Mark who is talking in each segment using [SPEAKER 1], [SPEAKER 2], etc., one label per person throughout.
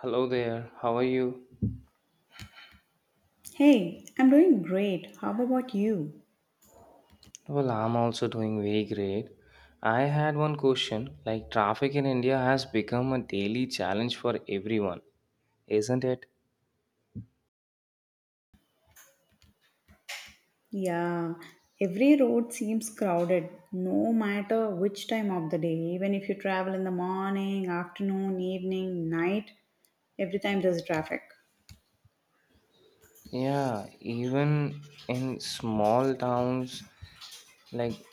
[SPEAKER 1] Hello there, how are you?
[SPEAKER 2] Hey, I'm doing great. How about you?
[SPEAKER 1] Well, I'm also doing very great. I had one question, like, traffic in India has become a daily challenge for everyone, isn't it?
[SPEAKER 2] Yeah, every road seems crowded no matter which time of the day. Even if you travel in the morning, afternoon, evening, night, every time there's traffic.
[SPEAKER 1] Yeah, even in small towns, like,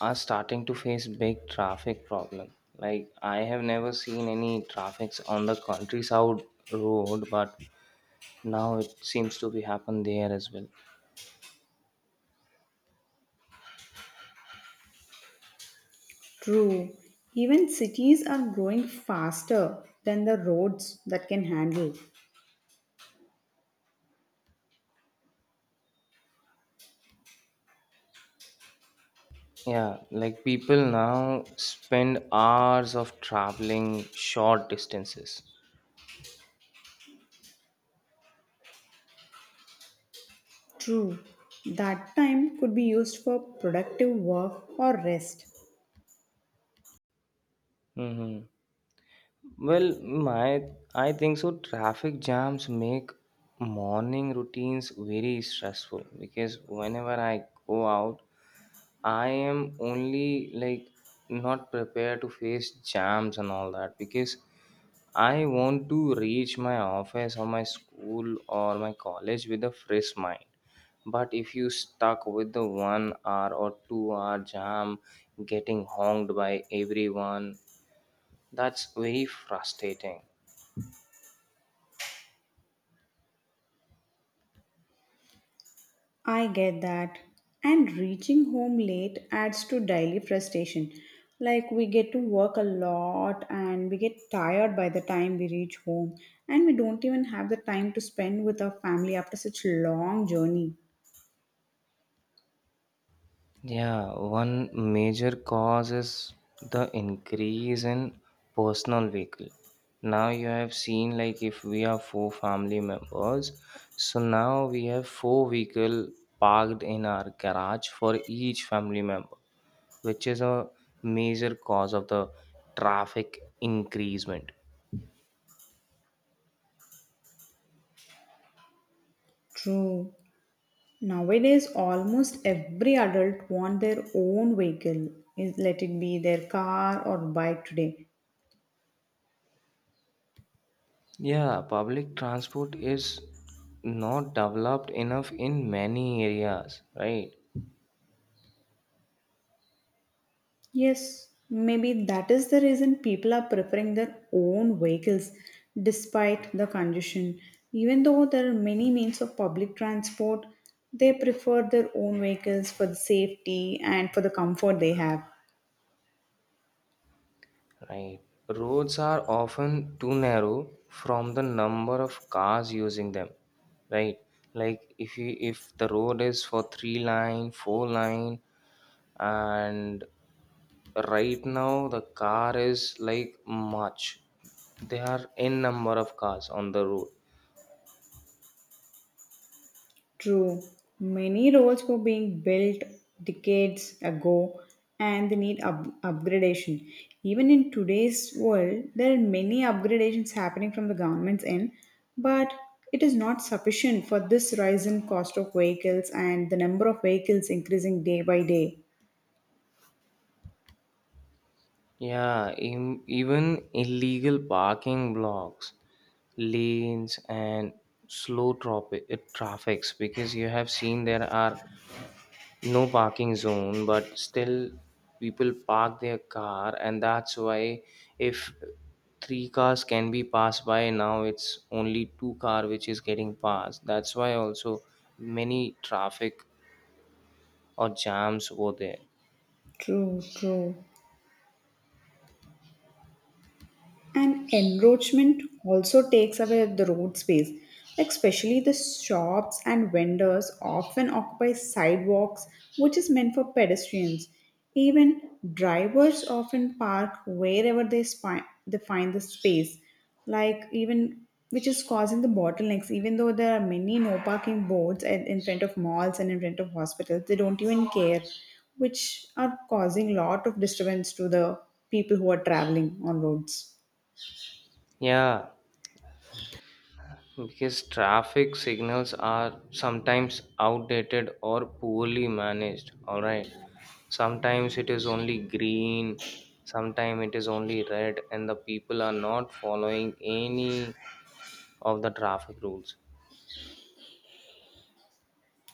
[SPEAKER 1] are starting to face big traffic problem. Like, I have never seen any traffics on the countryside road, but now it seems to be happen there as well.
[SPEAKER 2] True. Even cities are growing faster than the roads that can handle.
[SPEAKER 1] Yeah, like people now spend hours of traveling short distances.
[SPEAKER 2] True. That time could be used for productive work or rest.
[SPEAKER 1] hmm Well, my I think so. Traffic jams make morning routines very stressful because whenever I go out, I am only like not prepared to face jams and all that because I want to reach my office or my school or my college with a fresh mind. But if you stuck with the 1 hour or 2 hour jam getting honked by everyone, that's very frustrating.
[SPEAKER 2] I get that. And reaching home late adds to daily frustration. Like we get to work a lot and we get tired by the time we reach home and we don't even have the time to spend with our family after such long journey.
[SPEAKER 1] Yeah, one major cause is the increase in personal vehicle. Now you have seen, like, if we are four family members, so now we have four vehicle parked in our garage for each family member, which is a major cause of the traffic increasement.
[SPEAKER 2] True. Nowadays almost every adult want their own vehicle. Is let it be their car or bike today.
[SPEAKER 1] Yeah, public transport is not developed enough in many areas, right?
[SPEAKER 2] Yes, maybe that is the reason people are preferring their own vehicles despite the congestion. Even though there are many means of public transport, they prefer their own vehicles for the safety and for the comfort they have.
[SPEAKER 1] Right. Roads are often too narrow from the number of cars using them, right? Like if the road is for three line, four line, and right now the car is like much. There are n number of cars on the road.
[SPEAKER 2] True. Many roads were being built decades ago and they need upgradation. Even in today's world, there are many upgradations happening from the government's end, but it is not sufficient for this rise in cost of vehicles and the number of vehicles increasing day by day.
[SPEAKER 1] Yeah, even illegal parking blocks, lanes, and slow traffics because you have seen there are no parking zone, but still people park their car, and that's why if three cars can be passed by now, it's only two car which is getting passed. That's why also many traffic or jams over there.
[SPEAKER 2] True, true. And encroachment also takes away the road space. Like especially the shops and vendors often occupy sidewalks, which is meant for pedestrians. Even drivers often park wherever they find the space, like even which is causing the bottlenecks. Even though there are many no parking boards in front of malls and in front of hospitals, they don't even care, which are causing lot of disturbance to the people who are traveling on roads.
[SPEAKER 1] Yeah. Because traffic signals are sometimes outdated or poorly managed, alright. Sometimes it is only green, sometimes it is only red, and the people are not following any of the traffic rules.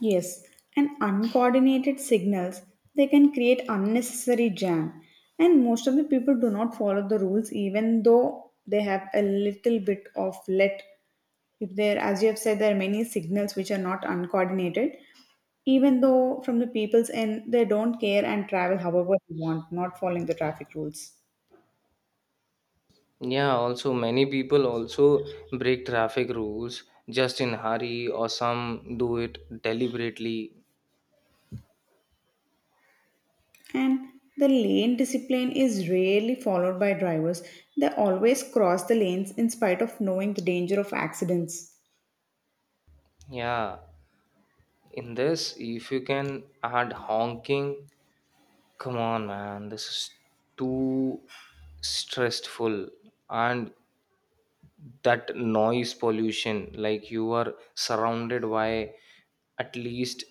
[SPEAKER 2] Yes, and uncoordinated signals they can create unnecessary jam, and most of the people do not follow the rules even though they have a little bit of let if there, as you have said, there are many signals which are not uncoordinated, even though from the people's end they don't care and travel however they want, not following the traffic rules.
[SPEAKER 1] Yeah, also, many people also break traffic rules just in hurry, or some do it deliberately.
[SPEAKER 2] And the lane discipline is rarely followed by drivers. They always cross the lanes in spite of knowing the danger of accidents.
[SPEAKER 1] Yeah, in this, if you can add honking. Come on, man. This is too stressful. And that noise pollution, like you are surrounded by at least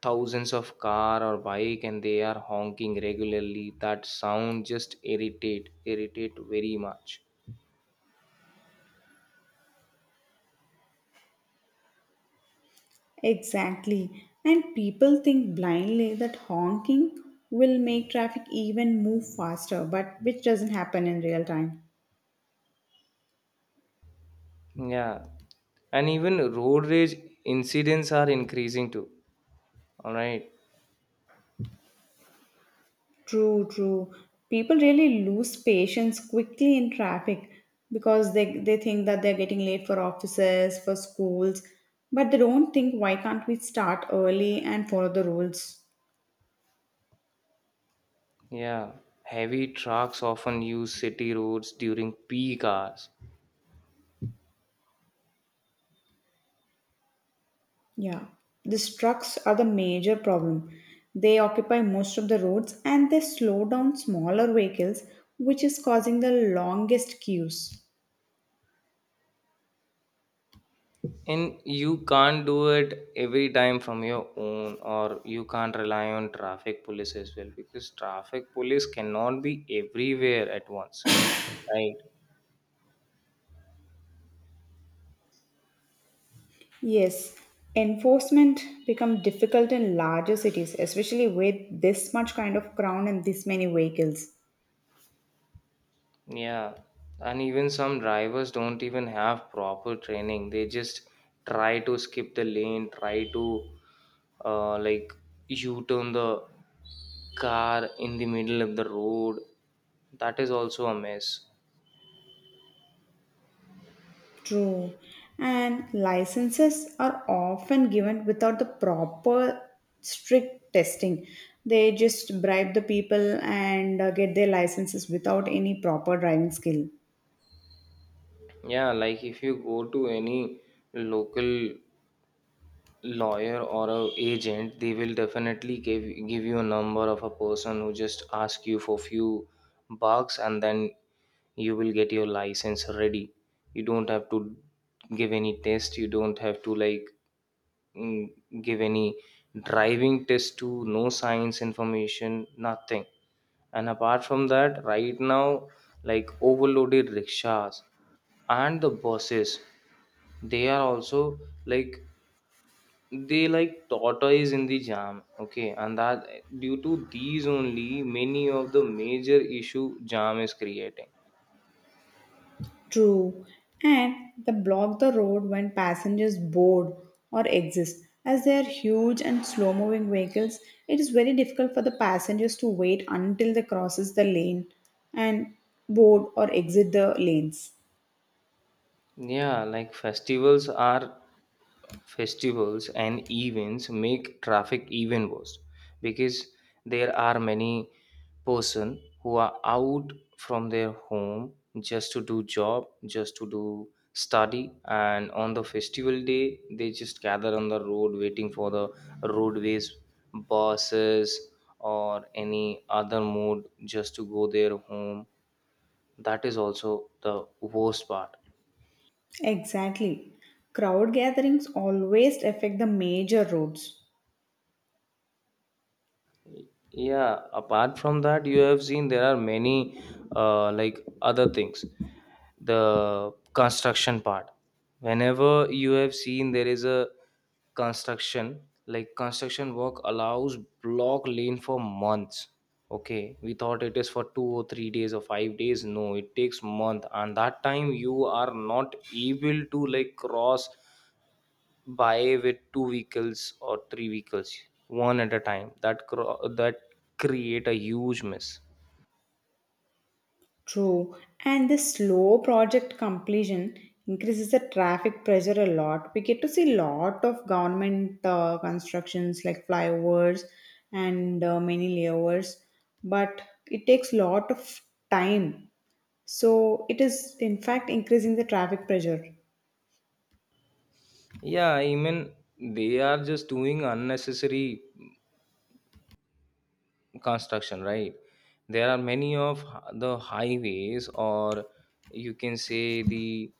[SPEAKER 1] thousands of car or bike and they are honking regularly. That sound just irritate very much.
[SPEAKER 2] Exactly. And people think blindly that honking will make traffic even move faster, but which doesn't happen in real time.
[SPEAKER 1] Yeah. And even road rage incidents are increasing too. All right.
[SPEAKER 2] True, true. People really lose patience quickly in traffic because they think that they're getting late for offices, for schools, but they don't think why can't we start early and follow the rules.
[SPEAKER 1] Yeah. Heavy trucks often use city roads during peak hours.
[SPEAKER 2] Yeah, these trucks are the major problem. They occupy most of the roads and they slow down smaller vehicles, which is causing the longest queues.
[SPEAKER 1] And you can't do it every time from your own, or you can't rely on traffic police as well because traffic police cannot be everywhere at once, right?
[SPEAKER 2] Yes, enforcement become difficult in larger cities, especially with this much kind of crowd and this many vehicles.
[SPEAKER 1] Yeah, and even some drivers don't even have proper training. They just try to skip the lane, try to like U-turn the car in the middle of the road. That is also a mess.
[SPEAKER 2] True. And licenses are often given without the proper strict testing. They just bribe the people and get their licenses without any proper driving skill.
[SPEAKER 1] Yeah, like if you go to any local lawyer or a agent, they will definitely give you a number of a person who just ask you for few bucks and then you will get your license ready. You don't have to give any test, you don't have to like mm, give any driving test to no science information nothing. And apart from that right now like overloaded rickshaws and the buses, they are also like they like tortoise in the jam, okay, and that due to these only many of the major issue jam is creating.
[SPEAKER 2] True. And they block the road when passengers board or exist. As they are huge and slow moving vehicles, it is very difficult for the passengers to wait until they crosses the lane and board or exit the lanes.
[SPEAKER 1] Yeah, like festivals and events make traffic even worse because there are many person who are out from their home just to do job, just to do study, and on the festival day they just gather on the road waiting for the roadways buses or any other mode just to go their home. That is also the worst part.
[SPEAKER 2] Exactly. Crowd gatherings always affect the major roads.
[SPEAKER 1] Yeah, apart from that, you have seen there are many like other things, the construction part. Whenever you have seen there is a construction, like construction work allows block lane for months. Okay, we thought it is for 2 or 3 days or 5 days, no it takes month, and that time you are not able to like cross buy with two vehicles or three vehicles one at a time. That create a huge mess.
[SPEAKER 2] True. And the slow project completion increases the traffic pressure a lot. We get to see lot of government constructions like flyovers and many layovers, but it takes lot of time. So it is in fact increasing the traffic pressure.
[SPEAKER 1] Yeah, I mean they are just doing unnecessary construction, right? There are many of the highways or you can say the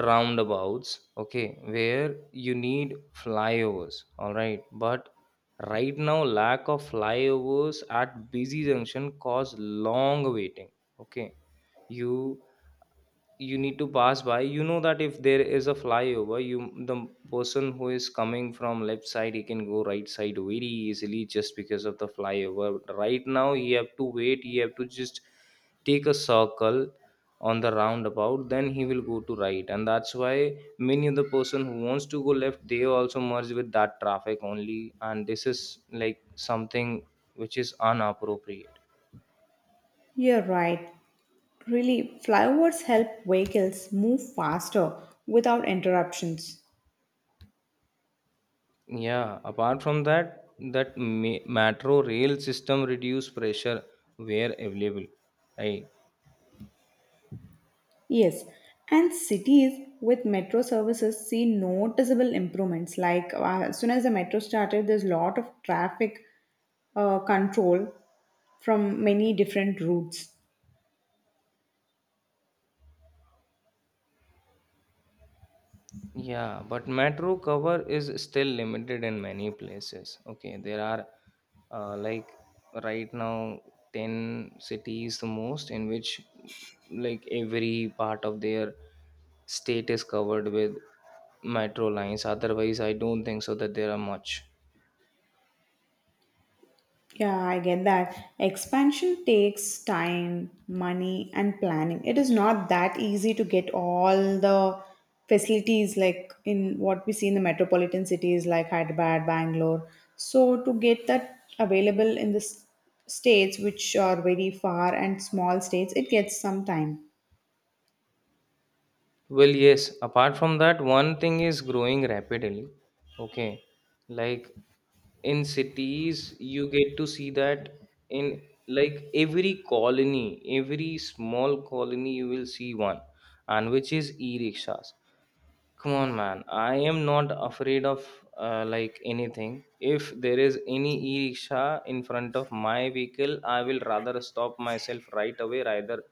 [SPEAKER 1] roundabouts, okay, where you need flyovers, all right, but right now lack of flyovers at busy junction cause long waiting. Okay, you you need to pass by, you know that if there is a flyover you the person who is coming from left side he can go right side very easily just because of the flyover. Right now you have to wait, you have to just take a circle on the roundabout, then he will go to right, and that's why many of the person who wants to go left they also merge with that traffic only, and this is like something which is inappropriate.
[SPEAKER 2] You're right. Really, flyovers help vehicles move faster without interruptions.
[SPEAKER 1] Yeah, apart from that, that metro rail system reduce pressure where available, right?
[SPEAKER 2] Yes, and cities with metro services see noticeable improvements. Like as soon as the metro started, there's a lot of traffic control from many different routes.
[SPEAKER 1] Yeah, but metro cover is still limited in many places. Okay, there are like right now 10 cities the most in which like every part of their state is covered with metro lines. Otherwise, I don't think so that there are much.
[SPEAKER 2] Yeah, I get that. Expansion takes time, money, and planning. It is not that easy to get all the facilities like in what we see in the metropolitan cities like Hyderabad, Bangalore. So, to get that available in the states which are very far and small states, it gets some time.
[SPEAKER 1] Well, yes, apart from that, one thing is growing rapidly. Okay. Like in cities, you get to see that in like every colony, every small colony, you will see one, and which is e rickshaws. Come on, man. I am not afraid of like anything. If there is any e-rickshaw in front of my vehicle, I will rather stop myself right away rather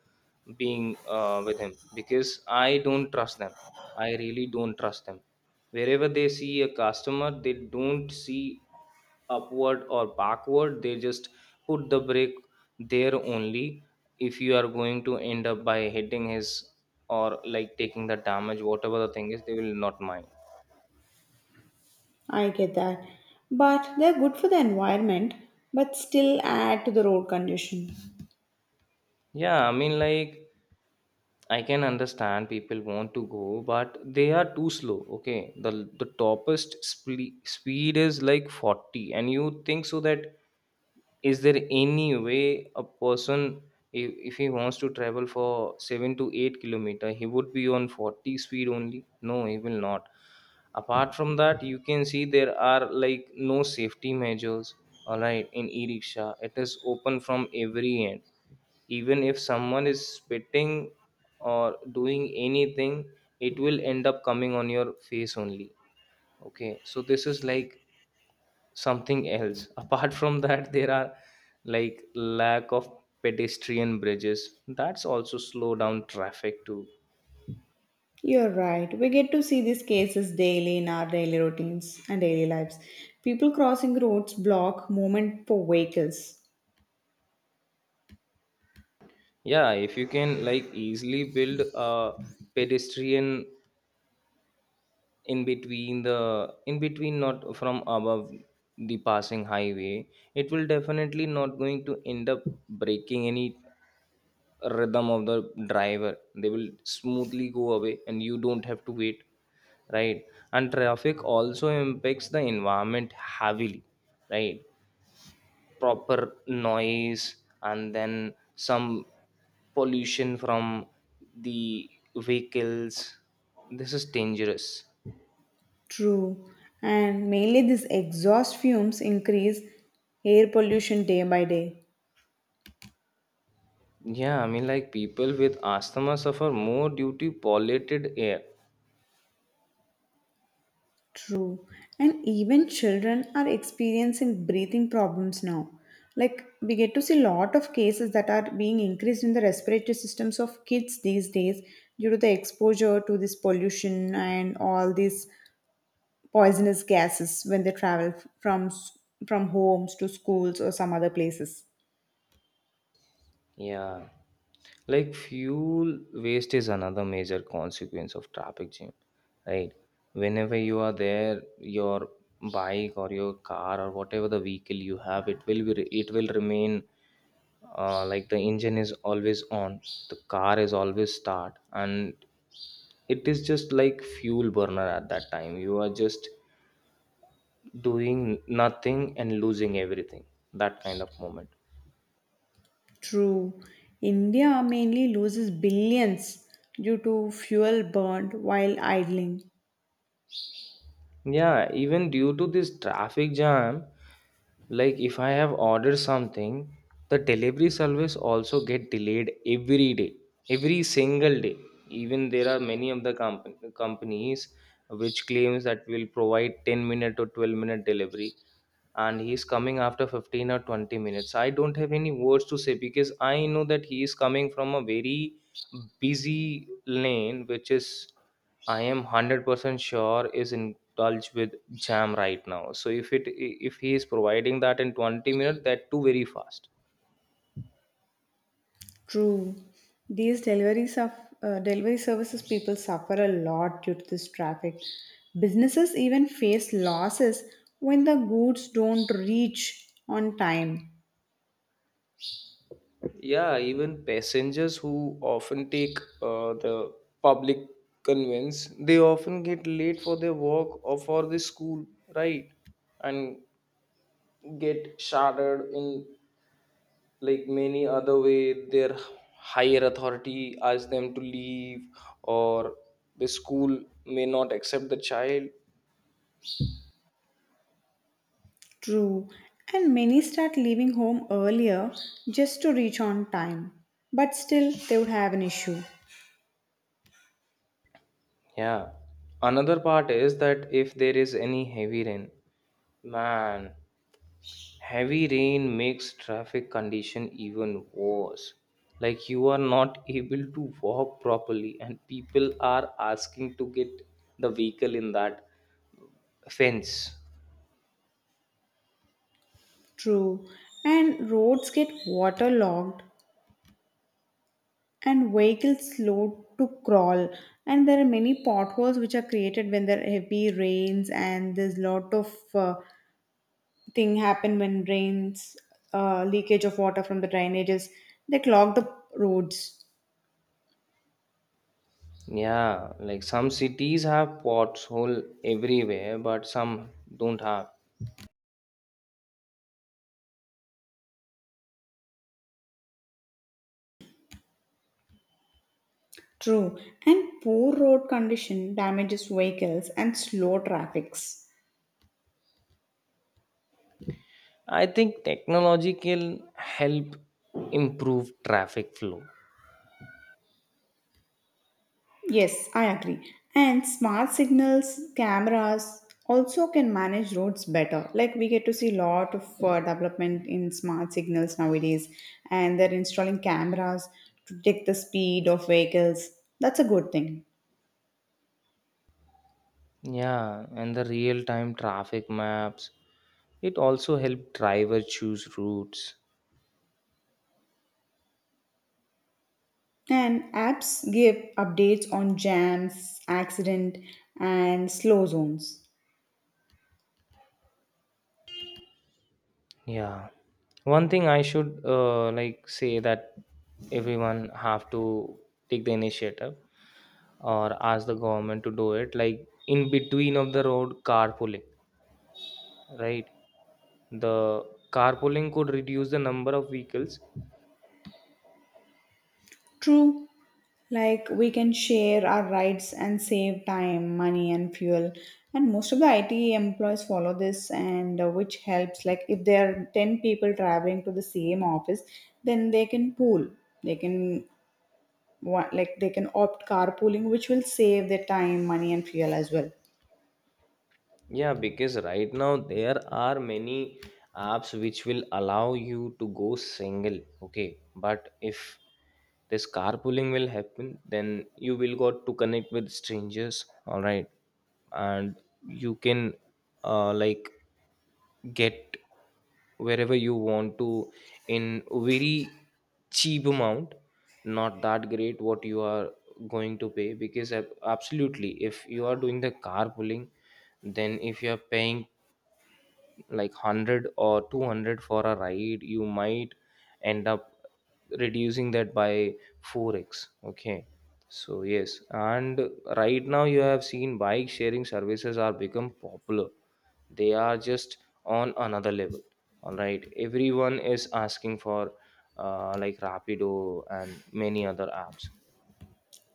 [SPEAKER 1] being with him because I don't trust them. I really don't trust them. Wherever they see a customer, they don't see upward or backward, they just put the brake there only. If you are going to end up by hitting his or like taking the damage, whatever the thing is, they will not mind.
[SPEAKER 2] I get that. But they're good for the environment, but still add to the road condition.
[SPEAKER 1] Yeah, I mean, like, I can understand people want to go, but they are too slow. Okay, the topest speed is like 40, and you think so that is there any way a person if he wants to travel for 7 to 8 kilometer he would be on 40 speed only? No, he will not. Apart from that, you can see there are like no safety measures, all right, in e-rickshaw it is open from every end. Even if someone is spitting or doing anything, it will end up coming on your face only. Okay, so this is like something else apart from that there are like lack of pedestrian bridges, that's also slow down traffic too.
[SPEAKER 2] You're right. We get to see these cases daily in our daily routines and daily lives. People crossing roads block movement for vehicles.
[SPEAKER 1] Yeah, if you can like easily build a pedestrian in between, not from above the passing highway, it will definitely not going to end up breaking any rhythm of the driver. They will smoothly go away and you don't have to wait, right? And traffic also impacts the environment heavily, right? Proper noise and then some pollution from the vehicles, this is dangerous.
[SPEAKER 2] True. And mainly these exhaust fumes increase air pollution day by day.
[SPEAKER 1] Yeah, I mean, like, people with asthma suffer more due to polluted air.
[SPEAKER 2] True. And even children are experiencing breathing problems now. Like we get to see lot of cases that are being increased in the respiratory systems of kids these days due to the exposure to this pollution and all these poisonous gases when they travel from from homes to schools or some other places.
[SPEAKER 1] Yeah, like fuel waste is another major consequence of traffic jam, right? Whenever you are there, your bike or your car or whatever the vehicle you have, it will remain like the engine is always on, the car is always start, and it is just like fuel burner at that time. You are just doing nothing and losing everything. That kind of moment.
[SPEAKER 2] True. India mainly loses billions due to fuel burned while idling.
[SPEAKER 1] Yeah, even due to this traffic jam, like if I have ordered something, the delivery service also get delayed every day, every single day. Even there are many of the companies which claims that will provide 10 minute or 12-minute delivery, and he's coming after 15 or 20 minutes. I don't have any words to say because I know that he is coming from a very busy lane which is, I am 100% sure, is indulged with jam right now. So if it, if he is providing that in 20 minutes, that too very fast.
[SPEAKER 2] True. These delivery services people suffer a lot due to this traffic. Businesses even face losses when the goods don't reach on time.
[SPEAKER 1] Yeah, even passengers who often take the public conveyance, they often get late for their work or for the school, right? And get shattered in like many other way, their higher authority asks them to leave or the school may not accept the child.
[SPEAKER 2] True, and many start leaving home earlier just to reach on time, but still they would have an issue.
[SPEAKER 1] Yeah, another part is that if there is any heavy rain, man, heavy rain makes traffic condition even worse. Like you are not able to walk properly and people are asking to get the vehicle in that fence.
[SPEAKER 2] True, and roads get waterlogged and vehicles slow to crawl, and there are many potholes which are created when there are heavy rains, and there's lot of thing happen when rains, leakage of water from the drainages, they clog the roads.
[SPEAKER 1] Yeah, like some cities have pothole everywhere, but some don't have.
[SPEAKER 2] True, and poor road condition damages vehicles and slow traffics.
[SPEAKER 1] I think technology can help improve traffic flow.
[SPEAKER 2] Yes, I agree. And smart signals, cameras also can manage roads better. Like we get to see lot of development in smart signals nowadays, and they're installing cameras to detect the speed of vehicles. That's a good thing.
[SPEAKER 1] Yeah, and the real time traffic maps. It also help driver choose routes.
[SPEAKER 2] And apps give updates on jams, accident, and slow zones.
[SPEAKER 1] Yeah. One thing I should say that everyone have to take the initiative or ask the government to do it like in between of the road carpooling, right? the Carpooling could reduce the number of vehicles.
[SPEAKER 2] True, like we can share our rights and save time, money, and fuel. And most of the IT employees follow this, and which helps. Like if there are 10 people traveling to the same office, then they can pool. They can like they can opt carpooling, which will save their time, money, and fuel as well.
[SPEAKER 1] Yeah, because right now there are many apps which will allow you to go single. Okay, but if this carpooling will happen, then you will got to connect with strangers, all right? And you can uh, like get wherever you want to in very cheap amount, not that great what you are going to pay. Because absolutely, if you are doing the carpooling, then if you are paying like 100 or 200 for a ride, you might end up reducing that by 4x. Okay, so yes. And right now you have seen bike sharing services are become popular. They are just on another level. All right, everyone is asking for Rapido and many other apps.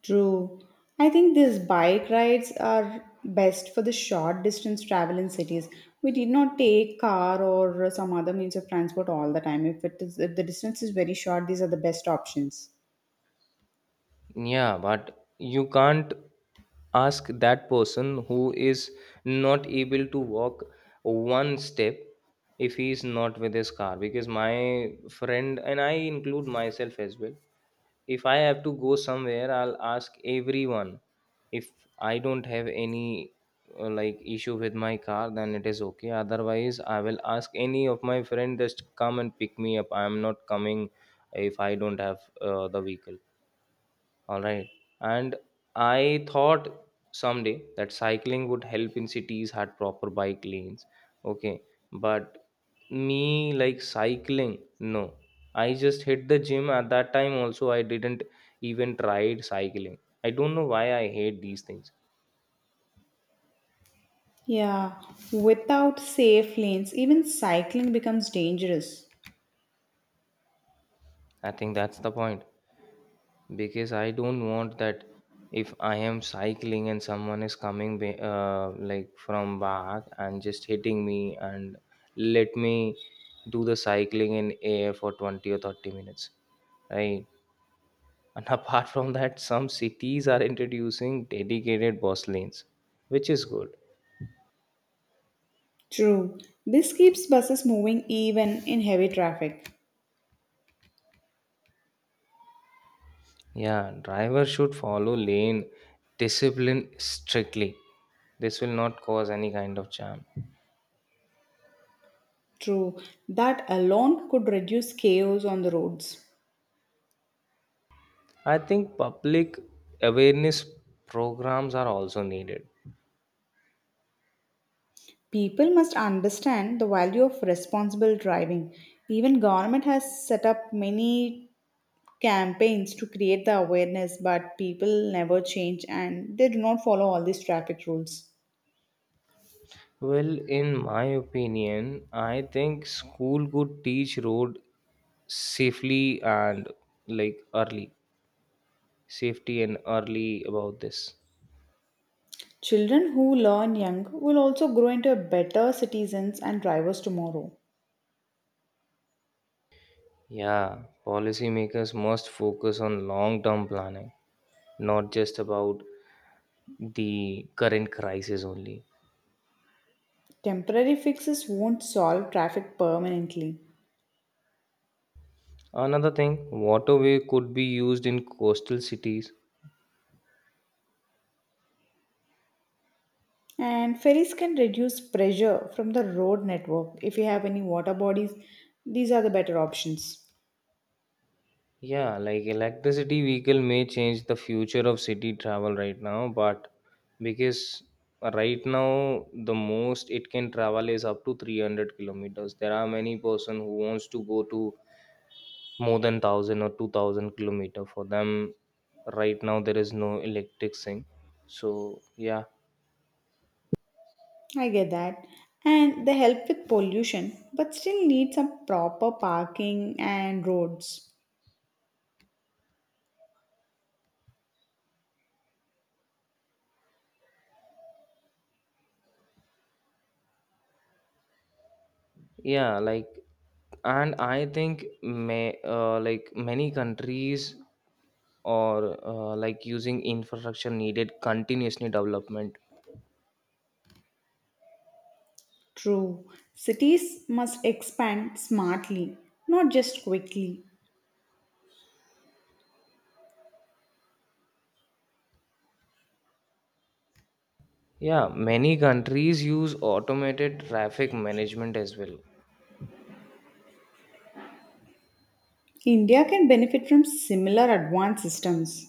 [SPEAKER 2] True. I think these bike rides are best for the short distance travel in cities. We did not take car or some other means of transport all the time. If the distance is very short, these are the best options.
[SPEAKER 1] Yeah, but you can't ask that person who is not able to walk one step if he is not with his car. Because my friend and I, include myself as well, if I have to go somewhere, I'll ask everyone. If I don't have any issue with my car, then it is okay. Otherwise, I will ask any of my friend, just come and pick me up. I am not coming if I don't have the vehicle. All right. And I thought someday that cycling would help in cities had proper bike lanes. Okay. But me like cycling, no. I just hit the gym at that time, also I didn't even tried cycling. I don't know why I hate these things.
[SPEAKER 2] Yeah. Without safe lanes, even cycling becomes dangerous.
[SPEAKER 1] I think that's the point. Because I don't want that if I am cycling and someone is coming from back and just hitting me and let me do the cycling in air for 20 or 30 minutes, right? And apart from that, some cities are introducing dedicated bus lanes, which is good.
[SPEAKER 2] True. This keeps buses moving even in heavy traffic.
[SPEAKER 1] Yeah, driver should follow lane discipline strictly. This will not cause any kind of jam.
[SPEAKER 2] True. That alone could reduce chaos on the roads.
[SPEAKER 1] I think public awareness programs are also needed.
[SPEAKER 2] People must understand the value of responsible driving. Even government has set up many campaigns to create the awareness, but people never change and they do not follow all these traffic rules.
[SPEAKER 1] Well, in my opinion, I think school could teach road safely and like early safety and early about this.
[SPEAKER 2] Children who learn young will also grow into better citizens and drivers tomorrow.
[SPEAKER 1] Yeah, policymakers must focus on long term planning, not just about the current crisis only.
[SPEAKER 2] Temporary fixes won't solve traffic permanently.
[SPEAKER 1] Another thing, waterway could be used in coastal cities.
[SPEAKER 2] And ferries can reduce pressure from the road network. If you have any water bodies, these are the better options.
[SPEAKER 1] Yeah, like electricity vehicle may change the future of city travel right now. But because right now the most it can travel is up to 300 kilometers. There are many person who wants to go to more than 1000 or 2000 kilometer. For them right now there is no electric thing. So, yeah.
[SPEAKER 2] I get that. And they help with pollution, but still need some proper parking and roads.
[SPEAKER 1] Yeah, like, and I think may many countries or using infrastructure needed continuously development.
[SPEAKER 2] True. Cities must expand smartly, not just quickly.
[SPEAKER 1] Yeah, many countries use automated traffic management as well.
[SPEAKER 2] India can benefit from similar advanced systems.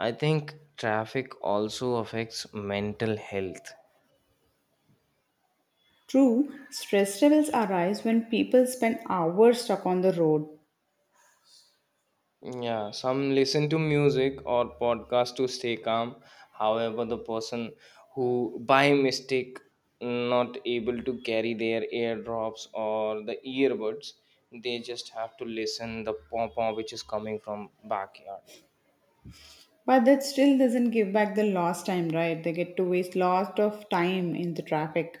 [SPEAKER 1] I think traffic also affects mental health.
[SPEAKER 2] True, stress levels arise when people spend hours stuck on the road.
[SPEAKER 1] Yeah, some listen to music or podcast to stay calm. However, the person who by mistake not able to carry their airdrops or the earbuds, they just have to listen the pom pom which is coming from backyard.
[SPEAKER 2] But that still doesn't give back the lost time, right? They get to waste lot of time in the traffic.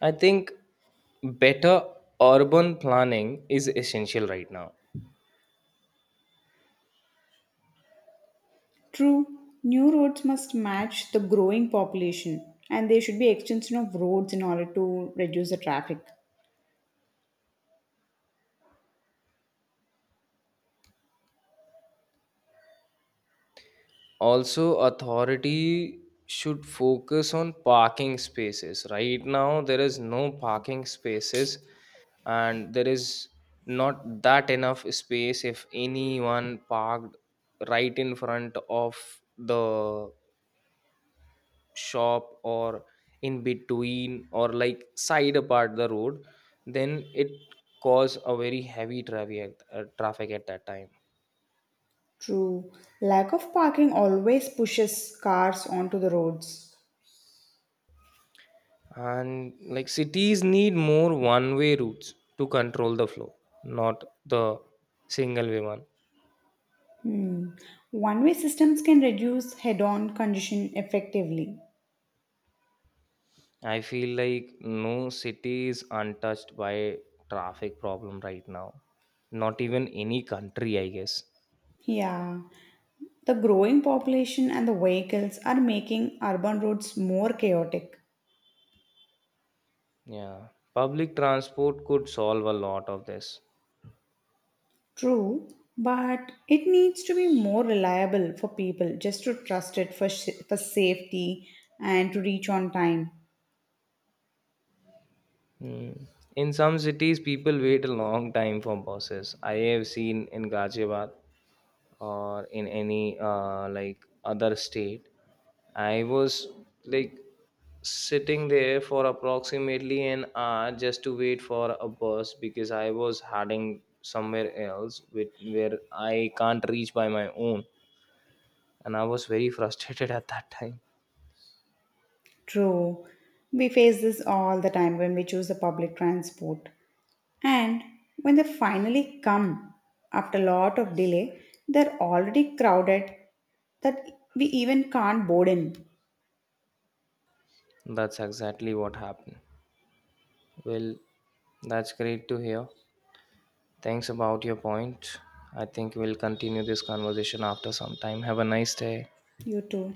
[SPEAKER 1] I think better urban planning is essential right now.
[SPEAKER 2] True, new roads must match the growing population and there should be extension of roads in order to reduce the traffic.
[SPEAKER 1] Also, authority should focus on parking spaces. Right now, there is no parking spaces, and there is not that enough space. If anyone parked right in front of the shop or in between or like side apart the road, then it cause a very heavy traffic at that time.
[SPEAKER 2] True, lack of parking always pushes cars onto the roads.
[SPEAKER 1] And like cities need more one way routes to control the flow, not the single way one.
[SPEAKER 2] Hmm. One way systems can reduce head on congestion effectively.
[SPEAKER 1] I feel like no city is untouched by traffic problem right now. Not even any country, I guess.
[SPEAKER 2] Yeah, the growing population and the vehicles are making urban roads more chaotic.
[SPEAKER 1] Yeah. Public transport could solve a lot of this.
[SPEAKER 2] True, but it needs to be more reliable for people just to trust it for, for safety and to reach on time.
[SPEAKER 1] Hmm. In some cities, people wait a long time for buses. I have seen in Ghaziabad or in any other state, I was like sitting there for approximately an hour just to wait for a bus because I was heading somewhere else with where I can't reach by my own, and I was very frustrated at that time.
[SPEAKER 2] True, we face this all the time when we choose the public transport. And when they finally come after a lot of delay, they're already crowded that we even can't board in.
[SPEAKER 1] That's exactly what happened. Well, that's great to hear. Thanks about your point. I think we'll continue this conversation after some time. Have a nice day.
[SPEAKER 2] You too.